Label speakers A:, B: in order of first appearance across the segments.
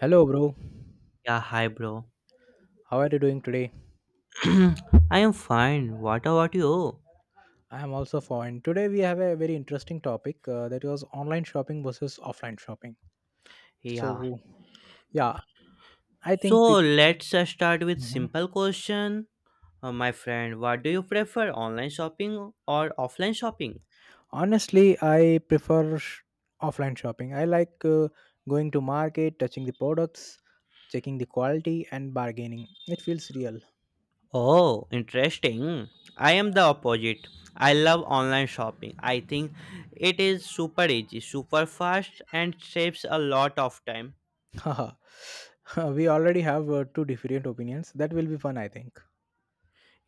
A: Hello, bro.
B: Yeah, hi, bro.
A: How are you doing today?
B: I am fine. What about you?
A: I am also fine. Today we have a very interesting topic that was online shopping versus offline shopping.
B: Yeah.
A: So, yeah, I think
B: So let's start with
A: people.
B: simple question, my friend. What do you prefer, online shopping or offline shopping?
A: Honestly, I prefer offline shopping. I like going to market, touching the products, checking the quality, and bargaining. It feels real.
B: Oh, interesting. I am the opposite. I love online shopping. I think it is super easy, super fast, and saves a lot of time.
A: Haha. We already have two different opinions. That will be fun, I think.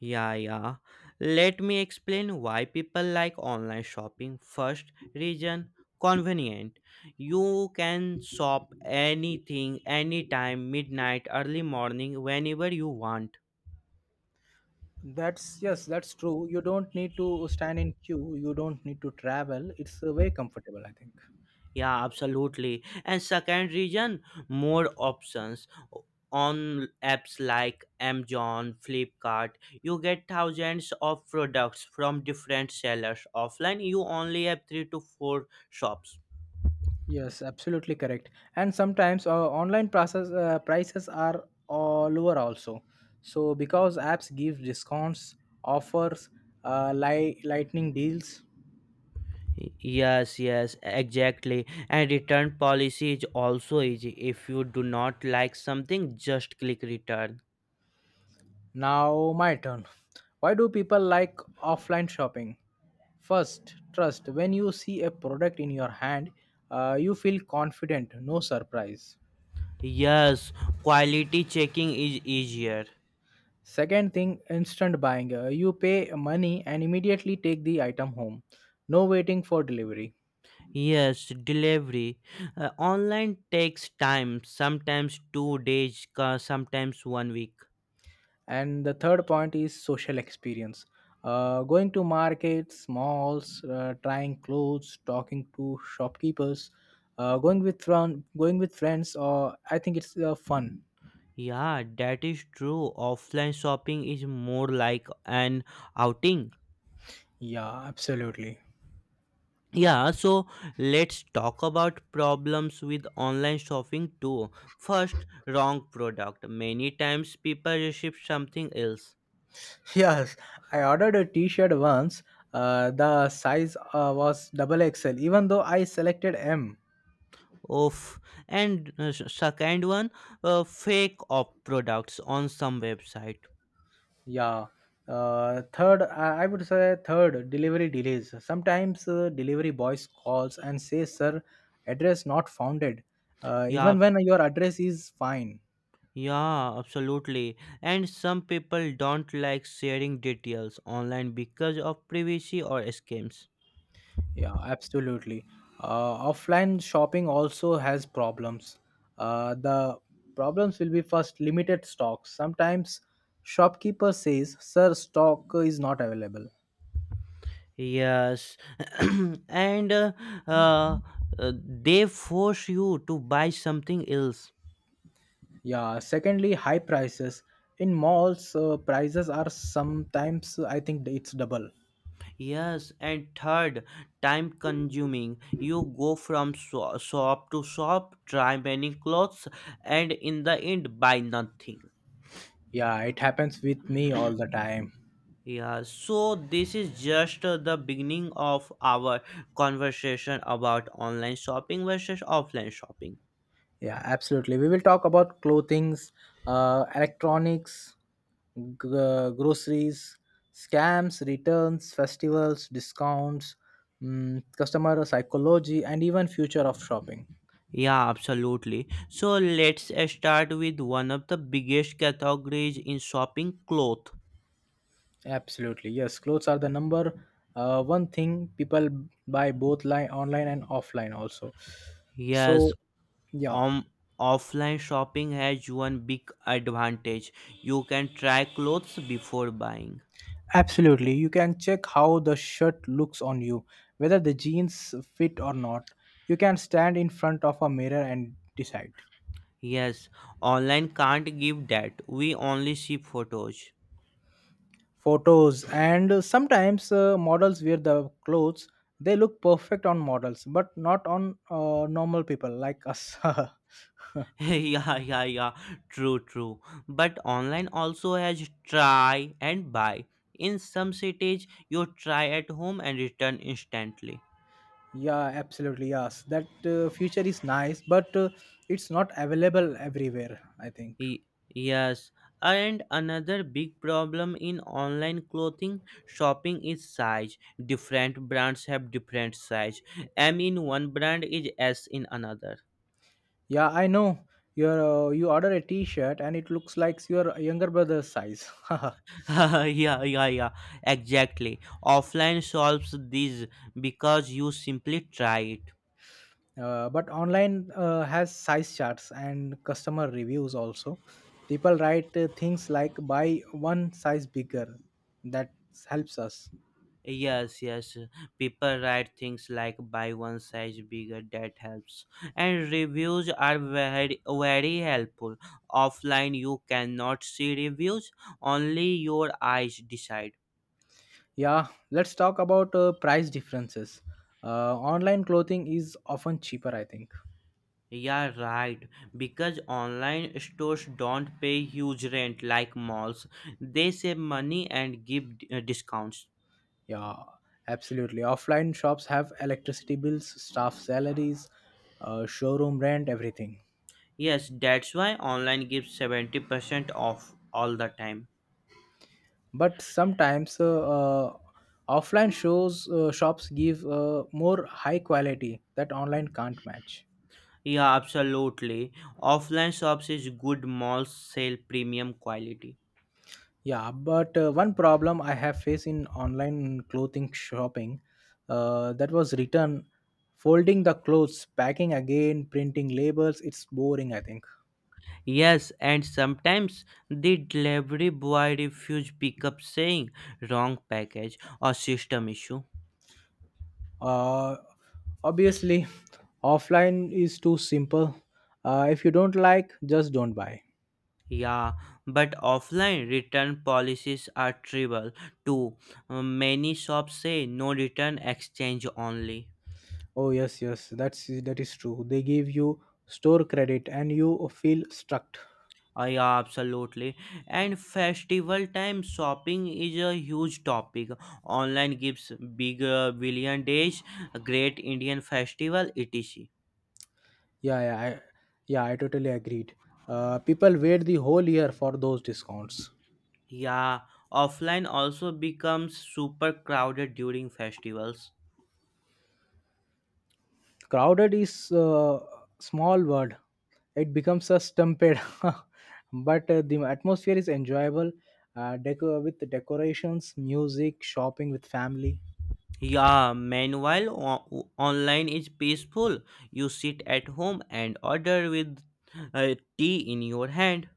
B: Yeah, yeah. Let me explain why people like online shopping. First reason convenient. You can shop anything, anytime, midnight, early morning, whenever you want.
A: That's true. You don't need to stand in queue. You don't need to travel. It's very comfortable, I think.
B: Yeah, absolutely. And second reason more options. On apps like Amazon, Flipkart, you get thousands of products from different sellers. Offline, you only have three to four shops.
A: Yes, absolutely correct. And sometimes online process prices are lower also. So because apps give discounts, offers, lightning deals.
B: Yes, yes, exactly. And return policy is also easy. If you do not like something, just click return.
A: Now my turn. Why do people like offline shopping? First, trust. When you see a product in your hand, you feel confident. No surprise.
B: Yes, quality checking is easier.
A: Second thing, instant buying. You pay money and immediately take the item home. No waiting for delivery.
B: Yes, delivery. Online takes time, sometimes 2 days, sometimes 1 week.
A: And the third point is social experience. Going to markets, malls, trying clothes, talking to shopkeepers, going with friends. Or I think it's fun.
B: Yeah, that is true. Offline shopping is more like an outing.
A: Yeah, absolutely.
B: Yeah, so let's talk about problems with online shopping too. First, wrong product. Many times people receive something else.
A: Yes, I ordered a T-shirt once. The size was double XL, even though I selected M.
B: Oof. And second one, fake of products on some website.
A: Yeah. Third, I would say third, delivery delays. Sometimes delivery boys calls and says, "Sir, address not founded," even
B: Yeah,
A: when your address is fine.
B: yeah, absolutely. And some people don't like sharing details online because of privacy or scams.
A: Yeah, absolutely. Offline shopping also has problems. The problems will be first limited stocks. Sometimes shopkeeper says, "Sir, stock is not available."
B: Yes, and uh, they force you to buy something else.
A: Yeah, secondly, high prices. In malls, prices are sometimes, I think it's double.
B: Yes, and third, time consuming. You go from shop to shop, try many clothes, and in the end, buy nothing.
A: Yeah, it happens with me all the time.
B: Yeah, so this is just the beginning of our conversation about online shopping versus offline shopping.
A: Yeah, absolutely. We will talk about clothings, electronics, groceries, scams, returns, festivals, discounts, customer psychology, and even future of shopping.
B: Yeah, absolutely. So let's start with one of the biggest categories in shopping clothes.
A: Absolutely, yes. Clothes are the number one thing people buy both online and offline also. So,
B: Yes,
A: yeah,
B: um, offline shopping has one big advantage. You can try clothes before buying.
A: absolutely. You can check how the shirt looks on you, whether the jeans fit or not. You can stand in front of a mirror and decide.
B: Yes, online can't give that. We only see photos.
A: Photos and sometimes models wear the clothes. They look perfect on models, but not on normal people like us.
B: Yeah, yeah, yeah. True, true. But online also has try and buy. In some cities, you try at home and return instantly.
A: Yeah, absolutely. Yes, that future is nice, but it's not available everywhere, I think.
B: Y- Yes, and another big problem in online clothing shopping is size. Different brands have different size. M in one brand is S in another.
A: Yeah, I know. You order a T-shirt and it looks like your younger brother's size.
B: Yeah, yeah, yeah, exactly. Offline solves this because you simply try it.
A: But online has size charts and customer reviews also. People write things like buy one size bigger. That helps us.
B: Yes, yes. People write things like buy one size bigger that helps. And reviews are very very helpful. Offline you cannot see reviews, only your eyes decide.
A: Yeah, let's talk about price differences. Online clothing is often cheaper, I think.
B: Yeah, right. Because online stores don't pay huge rent like malls. They save money and give discounts.
A: Yeah, absolutely. Offline shops have electricity bills, staff salaries, showroom rent, everything.
B: Yes, that's why online gives 70% off all the time.
A: But sometimes offline shows shops give more high quality that online can't match.
B: Yeah, absolutely. Offline shops is good malls sell premium quality.
A: Yeah, but one problem I have faced in online clothing shopping that was return, folding the clothes, packing again, printing labels. It's boring, I think.
B: Yes, and sometimes the delivery boy refuse pickup saying wrong package or system issue.
A: Uh, Obviously, offline is too simple. If you don't like, just don't buy.
B: Yeah, but offline return policies are trivial too. Many shops say no return exchange only.
A: Oh yes, yes, that is true. They give you store credit, and you feel stuck.
B: Yeah, absolutely. And festival time shopping is a huge topic. Online gives big billion days, great Indian festival, etc.
A: Yeah, yeah, yeah. I totally agreed. People wait the whole year for those discounts.
B: Yeah, offline also becomes super crowded during festivals.
A: Crowded is a small word. It becomes a stampede, but the atmosphere is enjoyable. With the decorations, music, shopping with family.
B: Yeah, meanwhile, online is peaceful. You sit at home and order with tea in your hand.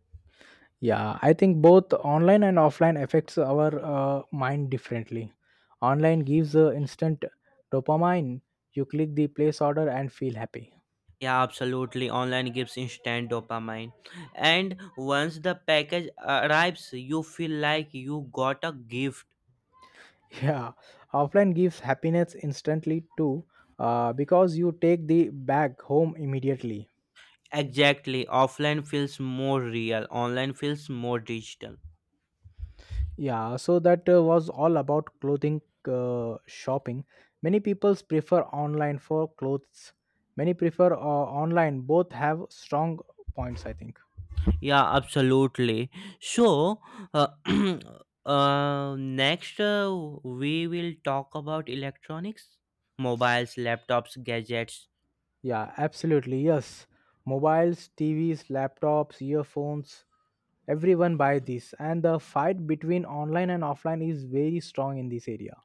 A: Yeah, I think both online and offline affects our mind differently. Online gives instant dopamine. You click the place order and feel happy.
B: Yeah, absolutely. Online gives instant dopamine. And once the package arrives, you feel like you got a gift.
A: Yeah, offline gives happiness instantly too, because you take the bag home immediately.
B: Exactly. Offline feels more real, online feels more digital.
A: Yeah, so that was all about clothing shopping. Many people prefer online for clothes. Many prefer online. Both have strong points, I think.
B: Yeah, absolutely. So, uh, next we will talk about electronics, mobiles, laptops, gadgets.
A: Yeah, absolutely. Yes. Mobiles, TVs, laptops, earphones, everyone buy this and the fight between online and offline is very strong in this area.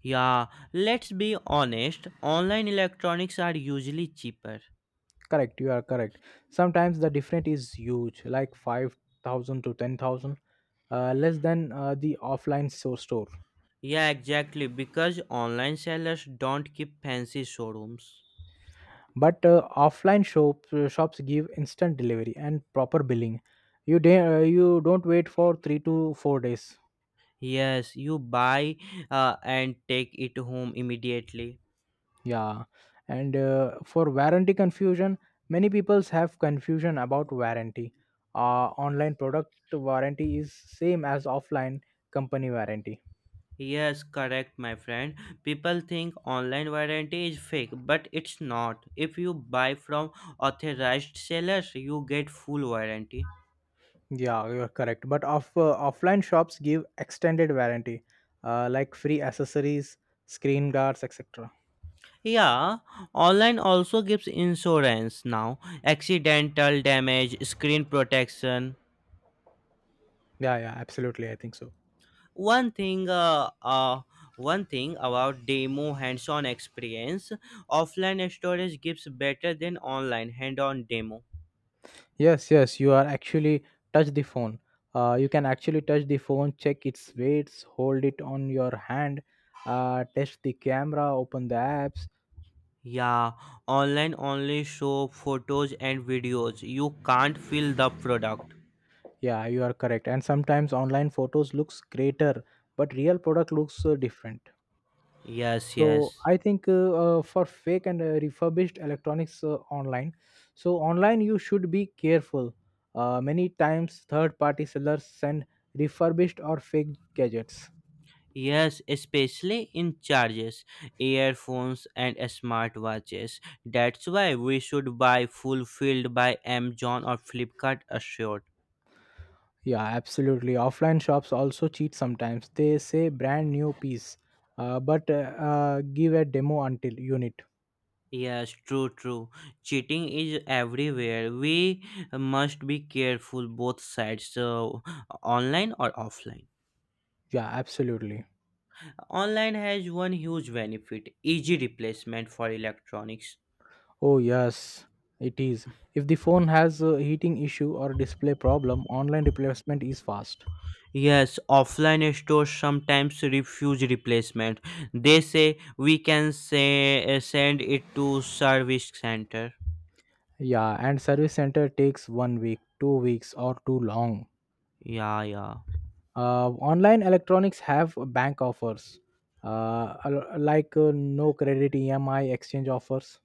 B: Yeah, let's be honest, online electronics are usually cheaper.
A: Correct, you are correct. Sometimes the difference is huge, like 5000 to 10,000 less than the store.
B: Yeah, exactly. Because online sellers don't keep fancy showrooms.
A: But shops give instant delivery and proper billing. You don't wait for 3 to 4 days.
B: Yes, you buy and take it home immediately.
A: Yeah, and for warranty confusion, many peoples have confusion about warranty. Online product warranty is same as offline company warranty.
B: Yes, correct, my friend. People think online warranty is fake, but it's not. If you buy from authorized sellers, you get full warranty.
A: Yeah, you're correct. But offline shops give extended warranty, like free accessories, screen guards, etc.
B: Yeah, online also gives insurance now accidental damage, screen protection,
A: Yeah, yeah, absolutely. I think so.
B: one thing uh, uh one thing about demo hands-on experience, offline storage gives better than online hand-on demo.
A: Yes, yes, you are actually touch the phone. You can actually touch the phone, check its weights, hold it on your hand, test the camera, open the apps.
B: Yeah, online only show photos and videos, you can't feel the product.
A: Yeah, you are correct. And sometimes online photos looks greater, but real product looks different.
B: Yes,
A: So
B: yes,
A: I think for fake and refurbished electronics online, so online you should be careful. Many times third party sellers send refurbished or fake gadgets.
B: yes, especially in charges, earphones and smartwatches. That's why we should buy fulfilled by Amazon or Flipkart assured.
A: Yeah, absolutely. Offline shops also cheat sometimes. They say brand new piece, but give a demo until unit.
B: Yes, true, true. Cheating is everywhere. We must be careful both sides, so online or offline.
A: Yeah, absolutely.
B: Online has one huge benefit easy replacement for electronics.
A: Oh yes, it is. If the phone has a heating issue or display problem, online replacement is fast.
B: Yes, offline stores sometimes refuse replacement. They say we can say, send it to service center.
A: Yeah, and service center takes 1 week, 2 weeks, or too long.
B: Yeah, yeah.
A: Online electronics have bank offers, like no credit EMI exchange offers.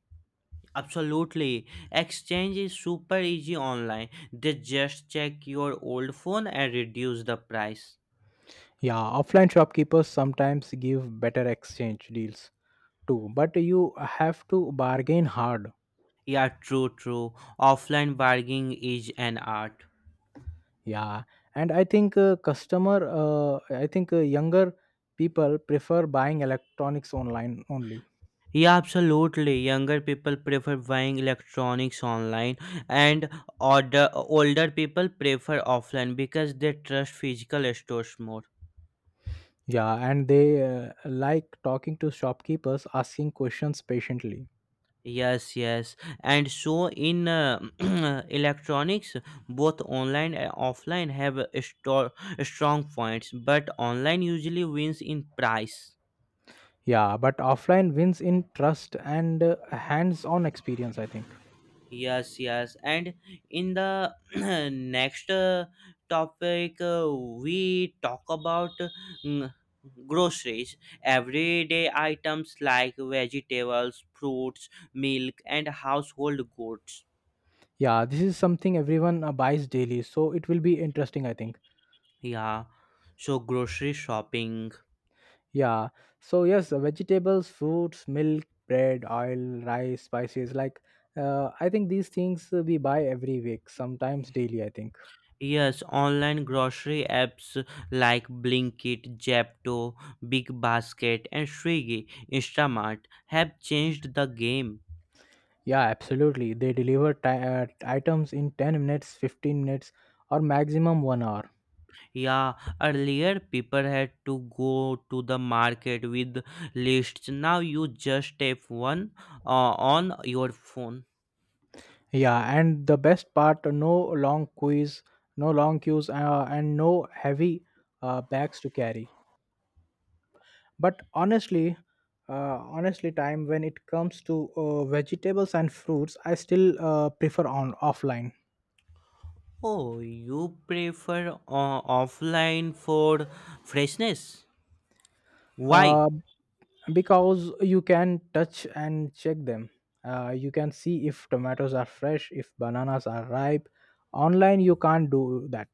B: Absolutely. Exchange is super easy online. They just check your old phone and reduce the price.
A: Yeah, offline shopkeepers sometimes give better exchange deals too, but you have to bargain hard.
B: Yeah, true, true. Offline bargaining is an art.
A: Yeah, and I think I think younger people prefer buying electronics online only.
B: Yeah, absolutely. Younger people prefer buying electronics online, and older people prefer offline because they trust physical stores more.
A: Yeah, and they like talking to shopkeepers, asking questions patiently.
B: Yes, yes. And so in electronics, both online and offline have a strong points, but online usually wins in price.
A: Yeah, but offline wins in trust and hands-on experience, I think.
B: Yes, yes. And in the next topic, we talk about mm, groceries, everyday items like vegetables, fruits, milk, and household goods.
A: Yeah, this is something everyone buys daily, so it will be interesting, I think.
B: Yeah. So grocery shopping.
A: Yeah. So yes, vegetables, fruits, milk, bread, oil, rice, spices. Like, I think these things we buy every week, sometimes daily, I think.
B: Yes, online grocery apps like Blinkit, Japto, Big Basket, and Swiggy, Instamart have changed the game.
A: Yeah, absolutely. They deliver ti items in 10 minutes, 15 minutes, or maximum 1 hour.
B: Yeah, earlier people had to go to the market with lists. Now you just tap one on your phone.
A: Yeah, and the best part, no long quiz, no long queues, and no heavy bags to carry. But honestly, honestly time when it comes to vegetables and fruits, I still prefer on offline.
B: Oh, you prefer offline for freshness? Why?
A: uh, because you can touch and check them. You can see if tomatoes are fresh, if bananas are ripe. Online you can't do that.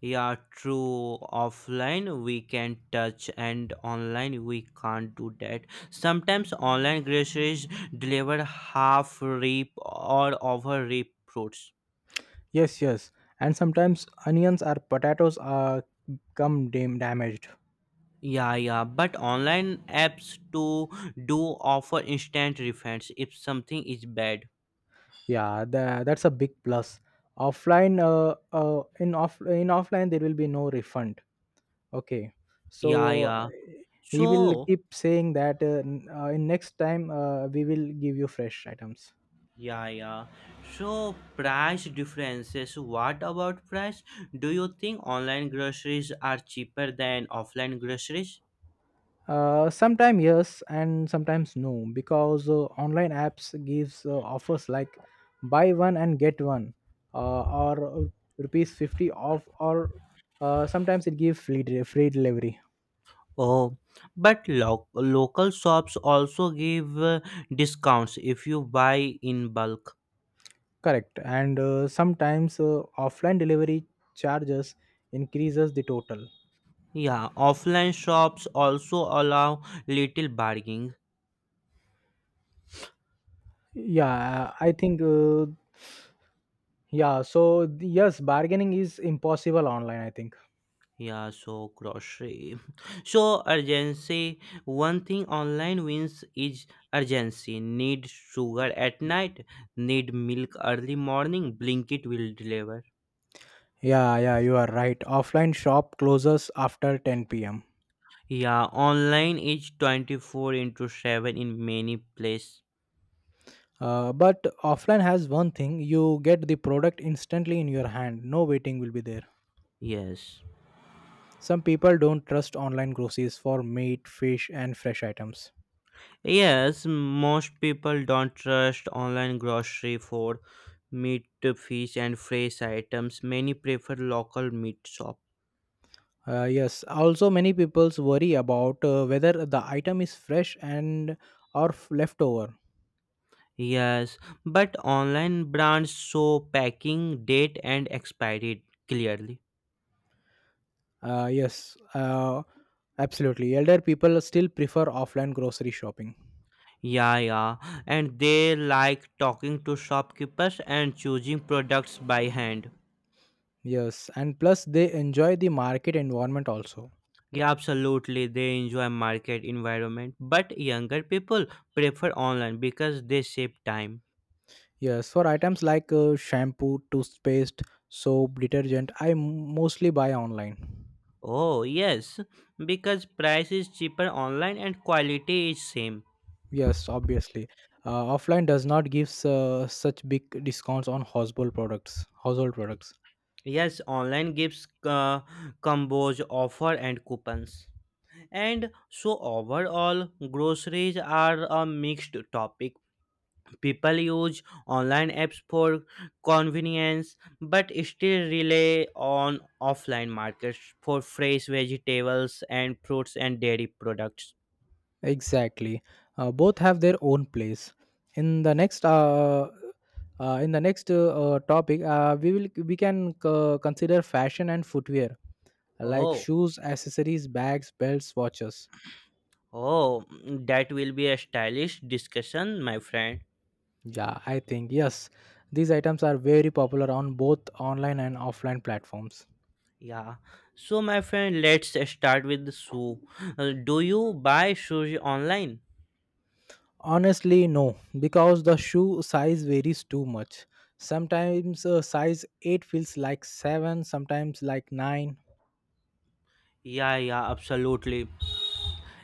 B: Yeah, true. Offline we can touch, and online we can't do that. Sometimes online groceries deliver half rip or over rip fruits.
A: Yes, yes, and sometimes onions or potatoes are damaged.
B: Yeah, yeah, but online apps too do offer instant refunds if something is bad.
A: Yeah, that's a big plus. Offline in offline there will be no refund. Okay.
B: Yeah,
A: So
B: yeah.
A: he will
B: So,
A: keep saying that in next time we will give you fresh items.
B: yeah, yeah. So, price differences. What about price? Do you think online groceries are cheaper than offline groceries?
A: Sometime yes and sometimes no, because online apps gives offers like buy one and get one, or rupees 50 off, or sometimes it gives free delivery.
B: Oh, but local shops also give discounts if you buy in bulk.
A: Correct, and sometimes offline delivery charges increases the total.
B: Yeah, offline shops also allow little bargaining.
A: Yeah I think Yeah, so yes, bargaining is impossible online, I think.
B: Yeah, so grocery. So urgency. One thing online wins is urgency. Need sugar at night, need milk early morning, Blinkit will deliver.
A: Yeah, yeah, you are right. Offline shop closes after 10 pm.
B: Yeah, online is 24 into 7 in many places.
A: But offline has one thing: you get the product instantly in your hand, no waiting will be there.
B: Yes.
A: Some people don't trust online groceries for meat, fish, and fresh items.
B: Yes, most people don't trust online grocery for meat, fish, and fresh items. Many prefer local meat shop.
A: Yes, also many people's worry about whether the item is fresh and leftover.
B: Yes, but online brands show packing date and expiry clearly.
A: Uh, yes, uh, absolutely. Elder people still prefer offline grocery shopping.
B: Yeah, yeah, and they like talking to shopkeepers and choosing products by hand.
A: Yes, and plus they enjoy the market environment also.
B: Yeah, absolutely, they enjoy market environment. But younger people prefer online because they save time.
A: Yes, for items like shampoo, toothpaste, soap, detergent, mostly buy online.
B: Oh, yes, because price is cheaper online and quality is same.
A: Yes, obviously. Offline does not give such big discounts on household products. Household products.
B: Yes, online gives combos, offer and coupons. And so overall, groceries are a mixed topic. People use online apps for convenience, but still rely on offline markets for fresh vegetables and fruits and dairy products.
A: Exactly. Both have their own place. In the next uh, in the next topic, we can consider fashion and footwear like
B: Oh,
A: shoes, accessories, bags, belts, watches.
B: oh, that will be a stylish discussion, my friend.
A: Yeah, I think yes. These items are very popular on both online and offline platforms.
B: Yeah. So, my friend, let's start with the shoe. Do you buy shoes online?
A: Honestly, no, because the shoe size varies too much. Sometimes size 8 feels like 7, sometimes like 9.
B: Yeah, yeah, absolutely.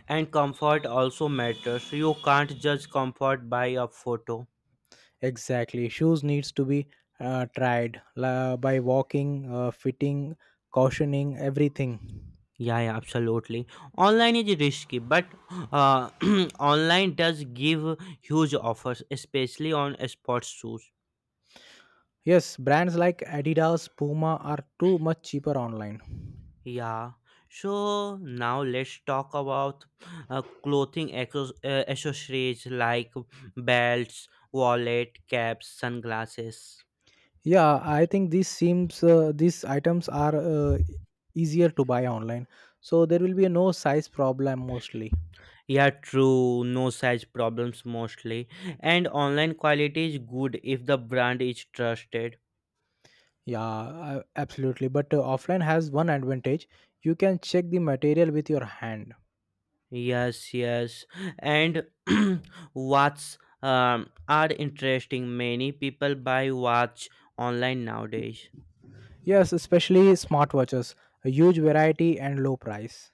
B: And comfort also matters. You can't judge comfort by a photo.
A: Exactly. Shoes needs to be tried by walking, fitting, cautioning, everything.
B: Yeah, yeah, absolutely. Online is risky, but uh, online does give huge offers, especially on sports shoes.
A: Yes, brands like Adidas, Puma are too much cheaper online.
B: Yeah. So now let's talk about clothing accessories like belts, wallet, caps, sunglasses.
A: Yeah, I think these items are easier to buy online, so there will be no size problem mostly.
B: Yeah, true. No size problems mostly. And online quality is good if the brand is trusted.
A: Yeah, absolutely. But offline has one advantage: you can check the material with your hand.
B: Yes, yes. And watches are interesting. Many people buy watch online nowadays.
A: Yes, especially smartwatches, a huge variety and low price.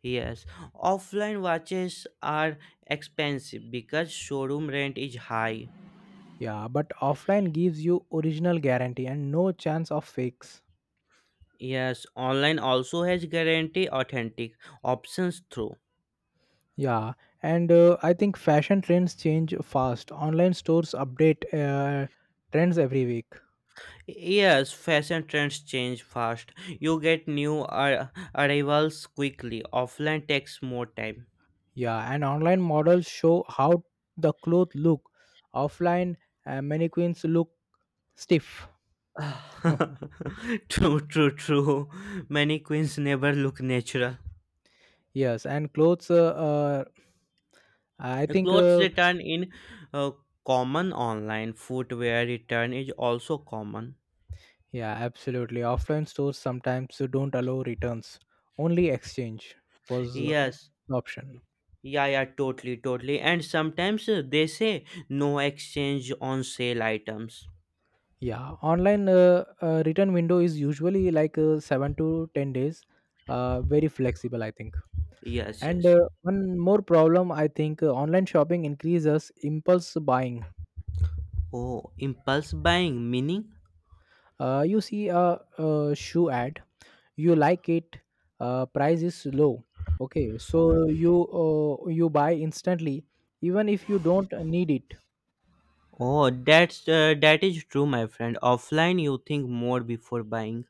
B: Yes, offline watches are expensive because showroom rent is high.
A: Yeah, but offline gives you original guarantee and no chance of fakes.
B: Yes, online also has guarantee authentic options through.
A: Yeah, and I think fashion trends change fast. Online stores update trends every week.
B: Yes, fashion trends change fast. You get new arrivals quickly. Offline takes more time.
A: Yeah, and online models show how the clothes look. Offline mannequins look stiff.
B: True, true, true. Many queens never look natural.
A: Yes, and clothes. I
B: The
A: think.
B: clothes return in uh, common online. Footwear return is also common.
A: Yeah, absolutely. Offline stores sometimes don't allow returns. Only exchange was
B: Yes.
A: the option.
B: Yeah, yeah, totally, totally. And sometimes they say no exchange on sale items.
A: Yeah, online return window is usually like 7 to 10 days. Very flexible, I think.
B: Yes,
A: And
B: yes.
A: One more problem, I think, online shopping increases impulse buying.
B: Oh, impulse buying meaning?
A: You see a shoe ad, you like it, price is low. Okay, so you buy instantly, even if you don't need it.
B: Oh, that's that is true, my friend. Offline, you think more before buying.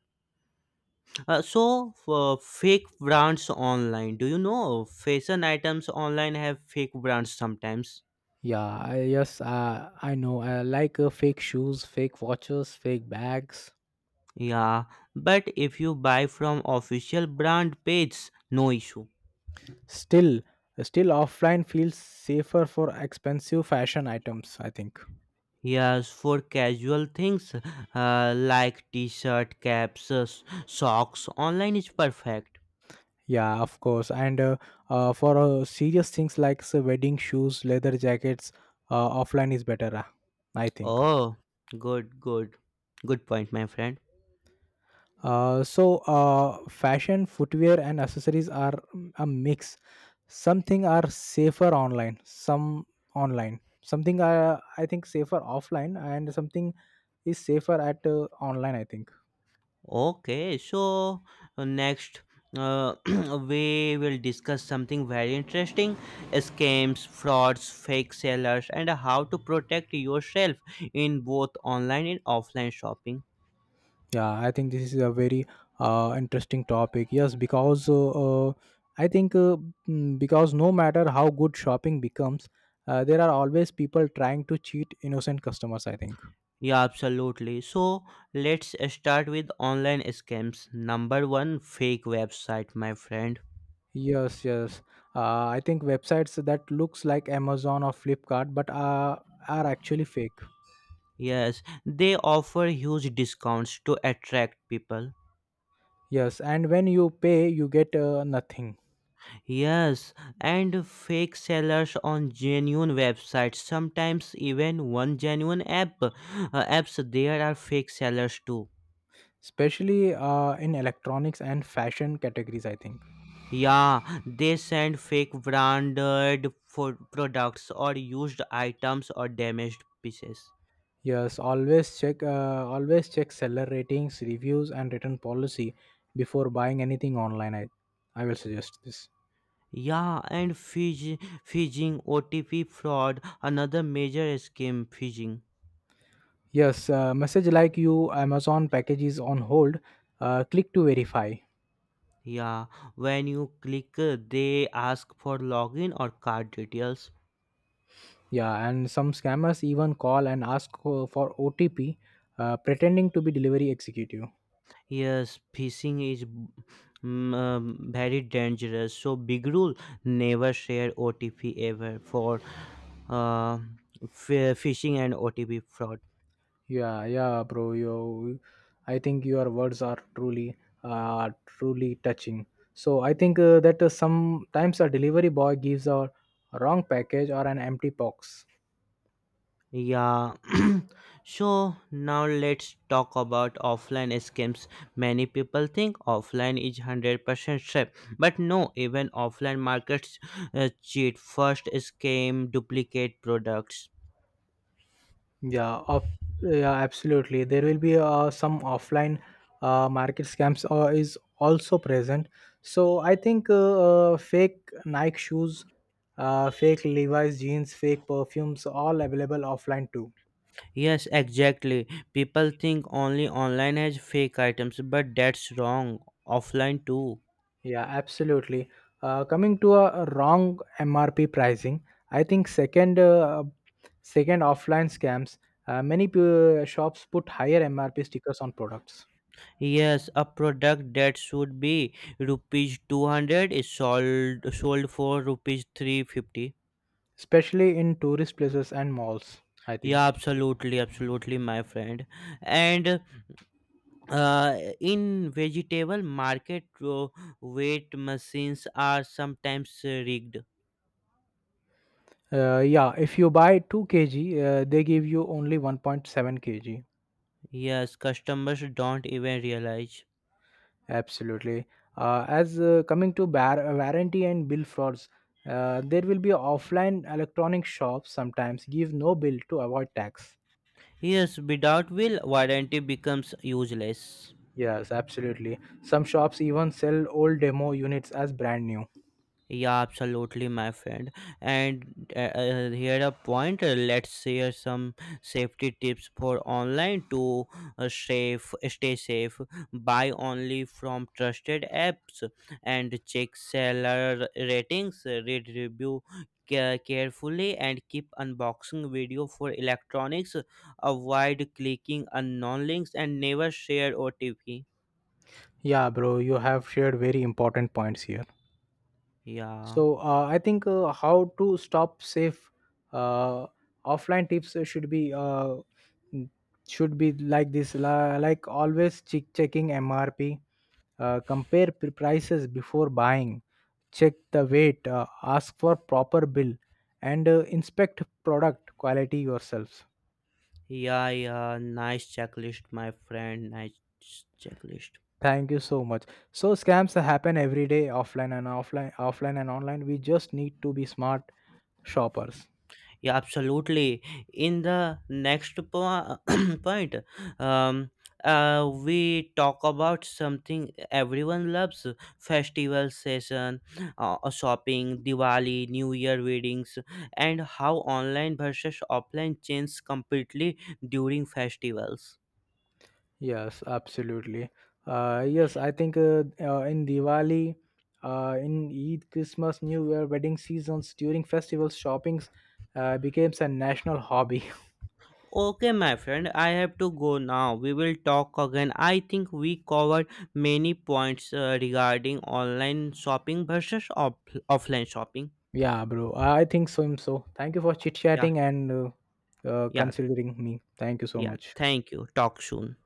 B: So, for fake brands online. Do you know fashion items online have fake brands sometimes?
A: Yeah, yes, I know. I like fake shoes, fake watches, fake bags.
B: Yeah, but if you buy from official brand page, no issue.
A: Still, still offline feels safer for expensive fashion items, I think.
B: Yes, for casual things like t-shirt, caps, socks, online is perfect.
A: Yeah, of course. And for serious things like, say, wedding shoes, leather jackets, offline is better, I think.
B: Oh, good, good, good point, my friend.
A: So fashion footwear and accessories are, a mix. Something are safer online, something are, I think, safer offline, and something is safer at, online, I think.
B: Okay, so next uh, we will discuss something very interesting: scams, frauds, fake sellers, and how to protect yourself in both online and offline shopping.
A: Yeah, I think this is a very interesting topic. Yes, because uh, i think uh, because no matter how good shopping becomes, there are always people trying to cheat innocent customers, I think.
B: Yeah, absolutely. So let's start with online scams. Number one, fake website, my friend.
A: Yes, yes. I think websites that looks like Amazon or Flipkart, but are actually fake.
B: Yes, they offer huge discounts to attract people.
A: Yes, and when you pay, you get nothing.
B: Yes, and fake sellers on genuine websites. Sometimes even one genuine apps there are fake sellers too.
A: Especially in electronics and fashion categories, I think.
B: Yeah, they send fake branded for products or used items or damaged pieces.
A: Yes, always check seller ratings, reviews, and return policy before buying anything online. I will suggest this.
B: Yeah, and phishing OTP fraud, another major scam phishing.
A: Yes, message like, you Amazon package is on hold. Click to verify.
B: Yeah, when you click, they ask for login or card details.
A: Yeah, and some scammers even call and ask for OTP, pretending to be delivery executive.
B: Yes, phishing is very dangerous. So big rule: never share OTP ever for uh, phishing and OTP fraud.
A: Yeah, yeah, bro. I think your words are truly, truly touching. So I think that sometimes a delivery boy gives a wrong package or an empty box.
B: Yeah. So now let's talk about offline scams. Many people think offline is 100% safe, but no, even offline markets cheat. First scam duplicate products.
A: Yeah, up, yeah, absolutely. There will be some offline market scams is also present. So I think, fake Nike shoes, fake Levi's jeans, fake perfumes, all available offline too.
B: Yes, exactly. People think only online has fake items, but that's wrong. Offline too.
A: Yeah, absolutely. Coming to a wrong MRP pricing, I think, second, second offline scams. Many shops put higher MRP stickers on products,
B: Yes, a product that should be rupees 200 is sold for rupees 350.
A: especially in tourist places and malls, I think.
B: Yeah, absolutely, absolutely, my friend. And in vegetable market, weight machines are sometimes rigged.
A: Yeah, if you buy 2 kg, they give you only 1.7 kg.
B: Yes, customers don't even realize.
A: Absolutely. As coming to bar- warranty and bill frauds, there will be offline electronic shops sometimes give no bill to avoid tax.
B: Yes, without will, warranty becomes useless.
A: Yes, absolutely. Some shops even sell old demo units as brand new.
B: Yeah, absolutely, my friend. And here a point. Let's share some safety tips for online to stay safe. Buy only from trusted apps and check seller ratings. Read review carefully and keep unboxing video for electronics. Avoid clicking unknown links and never share OTP.
A: Yeah, bro, you have shared very important points here.
B: Yeah.
A: So I think how to stop safe, uh, offline tips should be mm, should be like like always checking MRP, compare prices before buying, check the weight, ask for proper bill, and inspect product quality yourselves.
B: Yeah, yeah, nice checklist, my friend. Nice checklist.
A: Thank you so much. So scams happen every day, offline and online. We just need to be smart shoppers.
B: Yeah, absolutely. In the next point, um, we talk about something everyone loves: festival season, shopping, Diwali, New Year weddings, and how online versus offline change completely during festivals.
A: Yes, absolutely. Yes, I think, in Diwali, in Eid, Christmas, New Year, wedding seasons, during festivals, shoppings becomes a national hobby.
B: Okay, my friend, I have to go now. We will talk again. I think we covered many points regarding online shopping versus offline shopping.
A: Yeah, bro. I think so. So, thank you for chit
B: Yeah,
A: chatting and
B: yeah,
A: considering me. Thank you so
B: yeah.
A: much.
B: Thank you. Talk soon.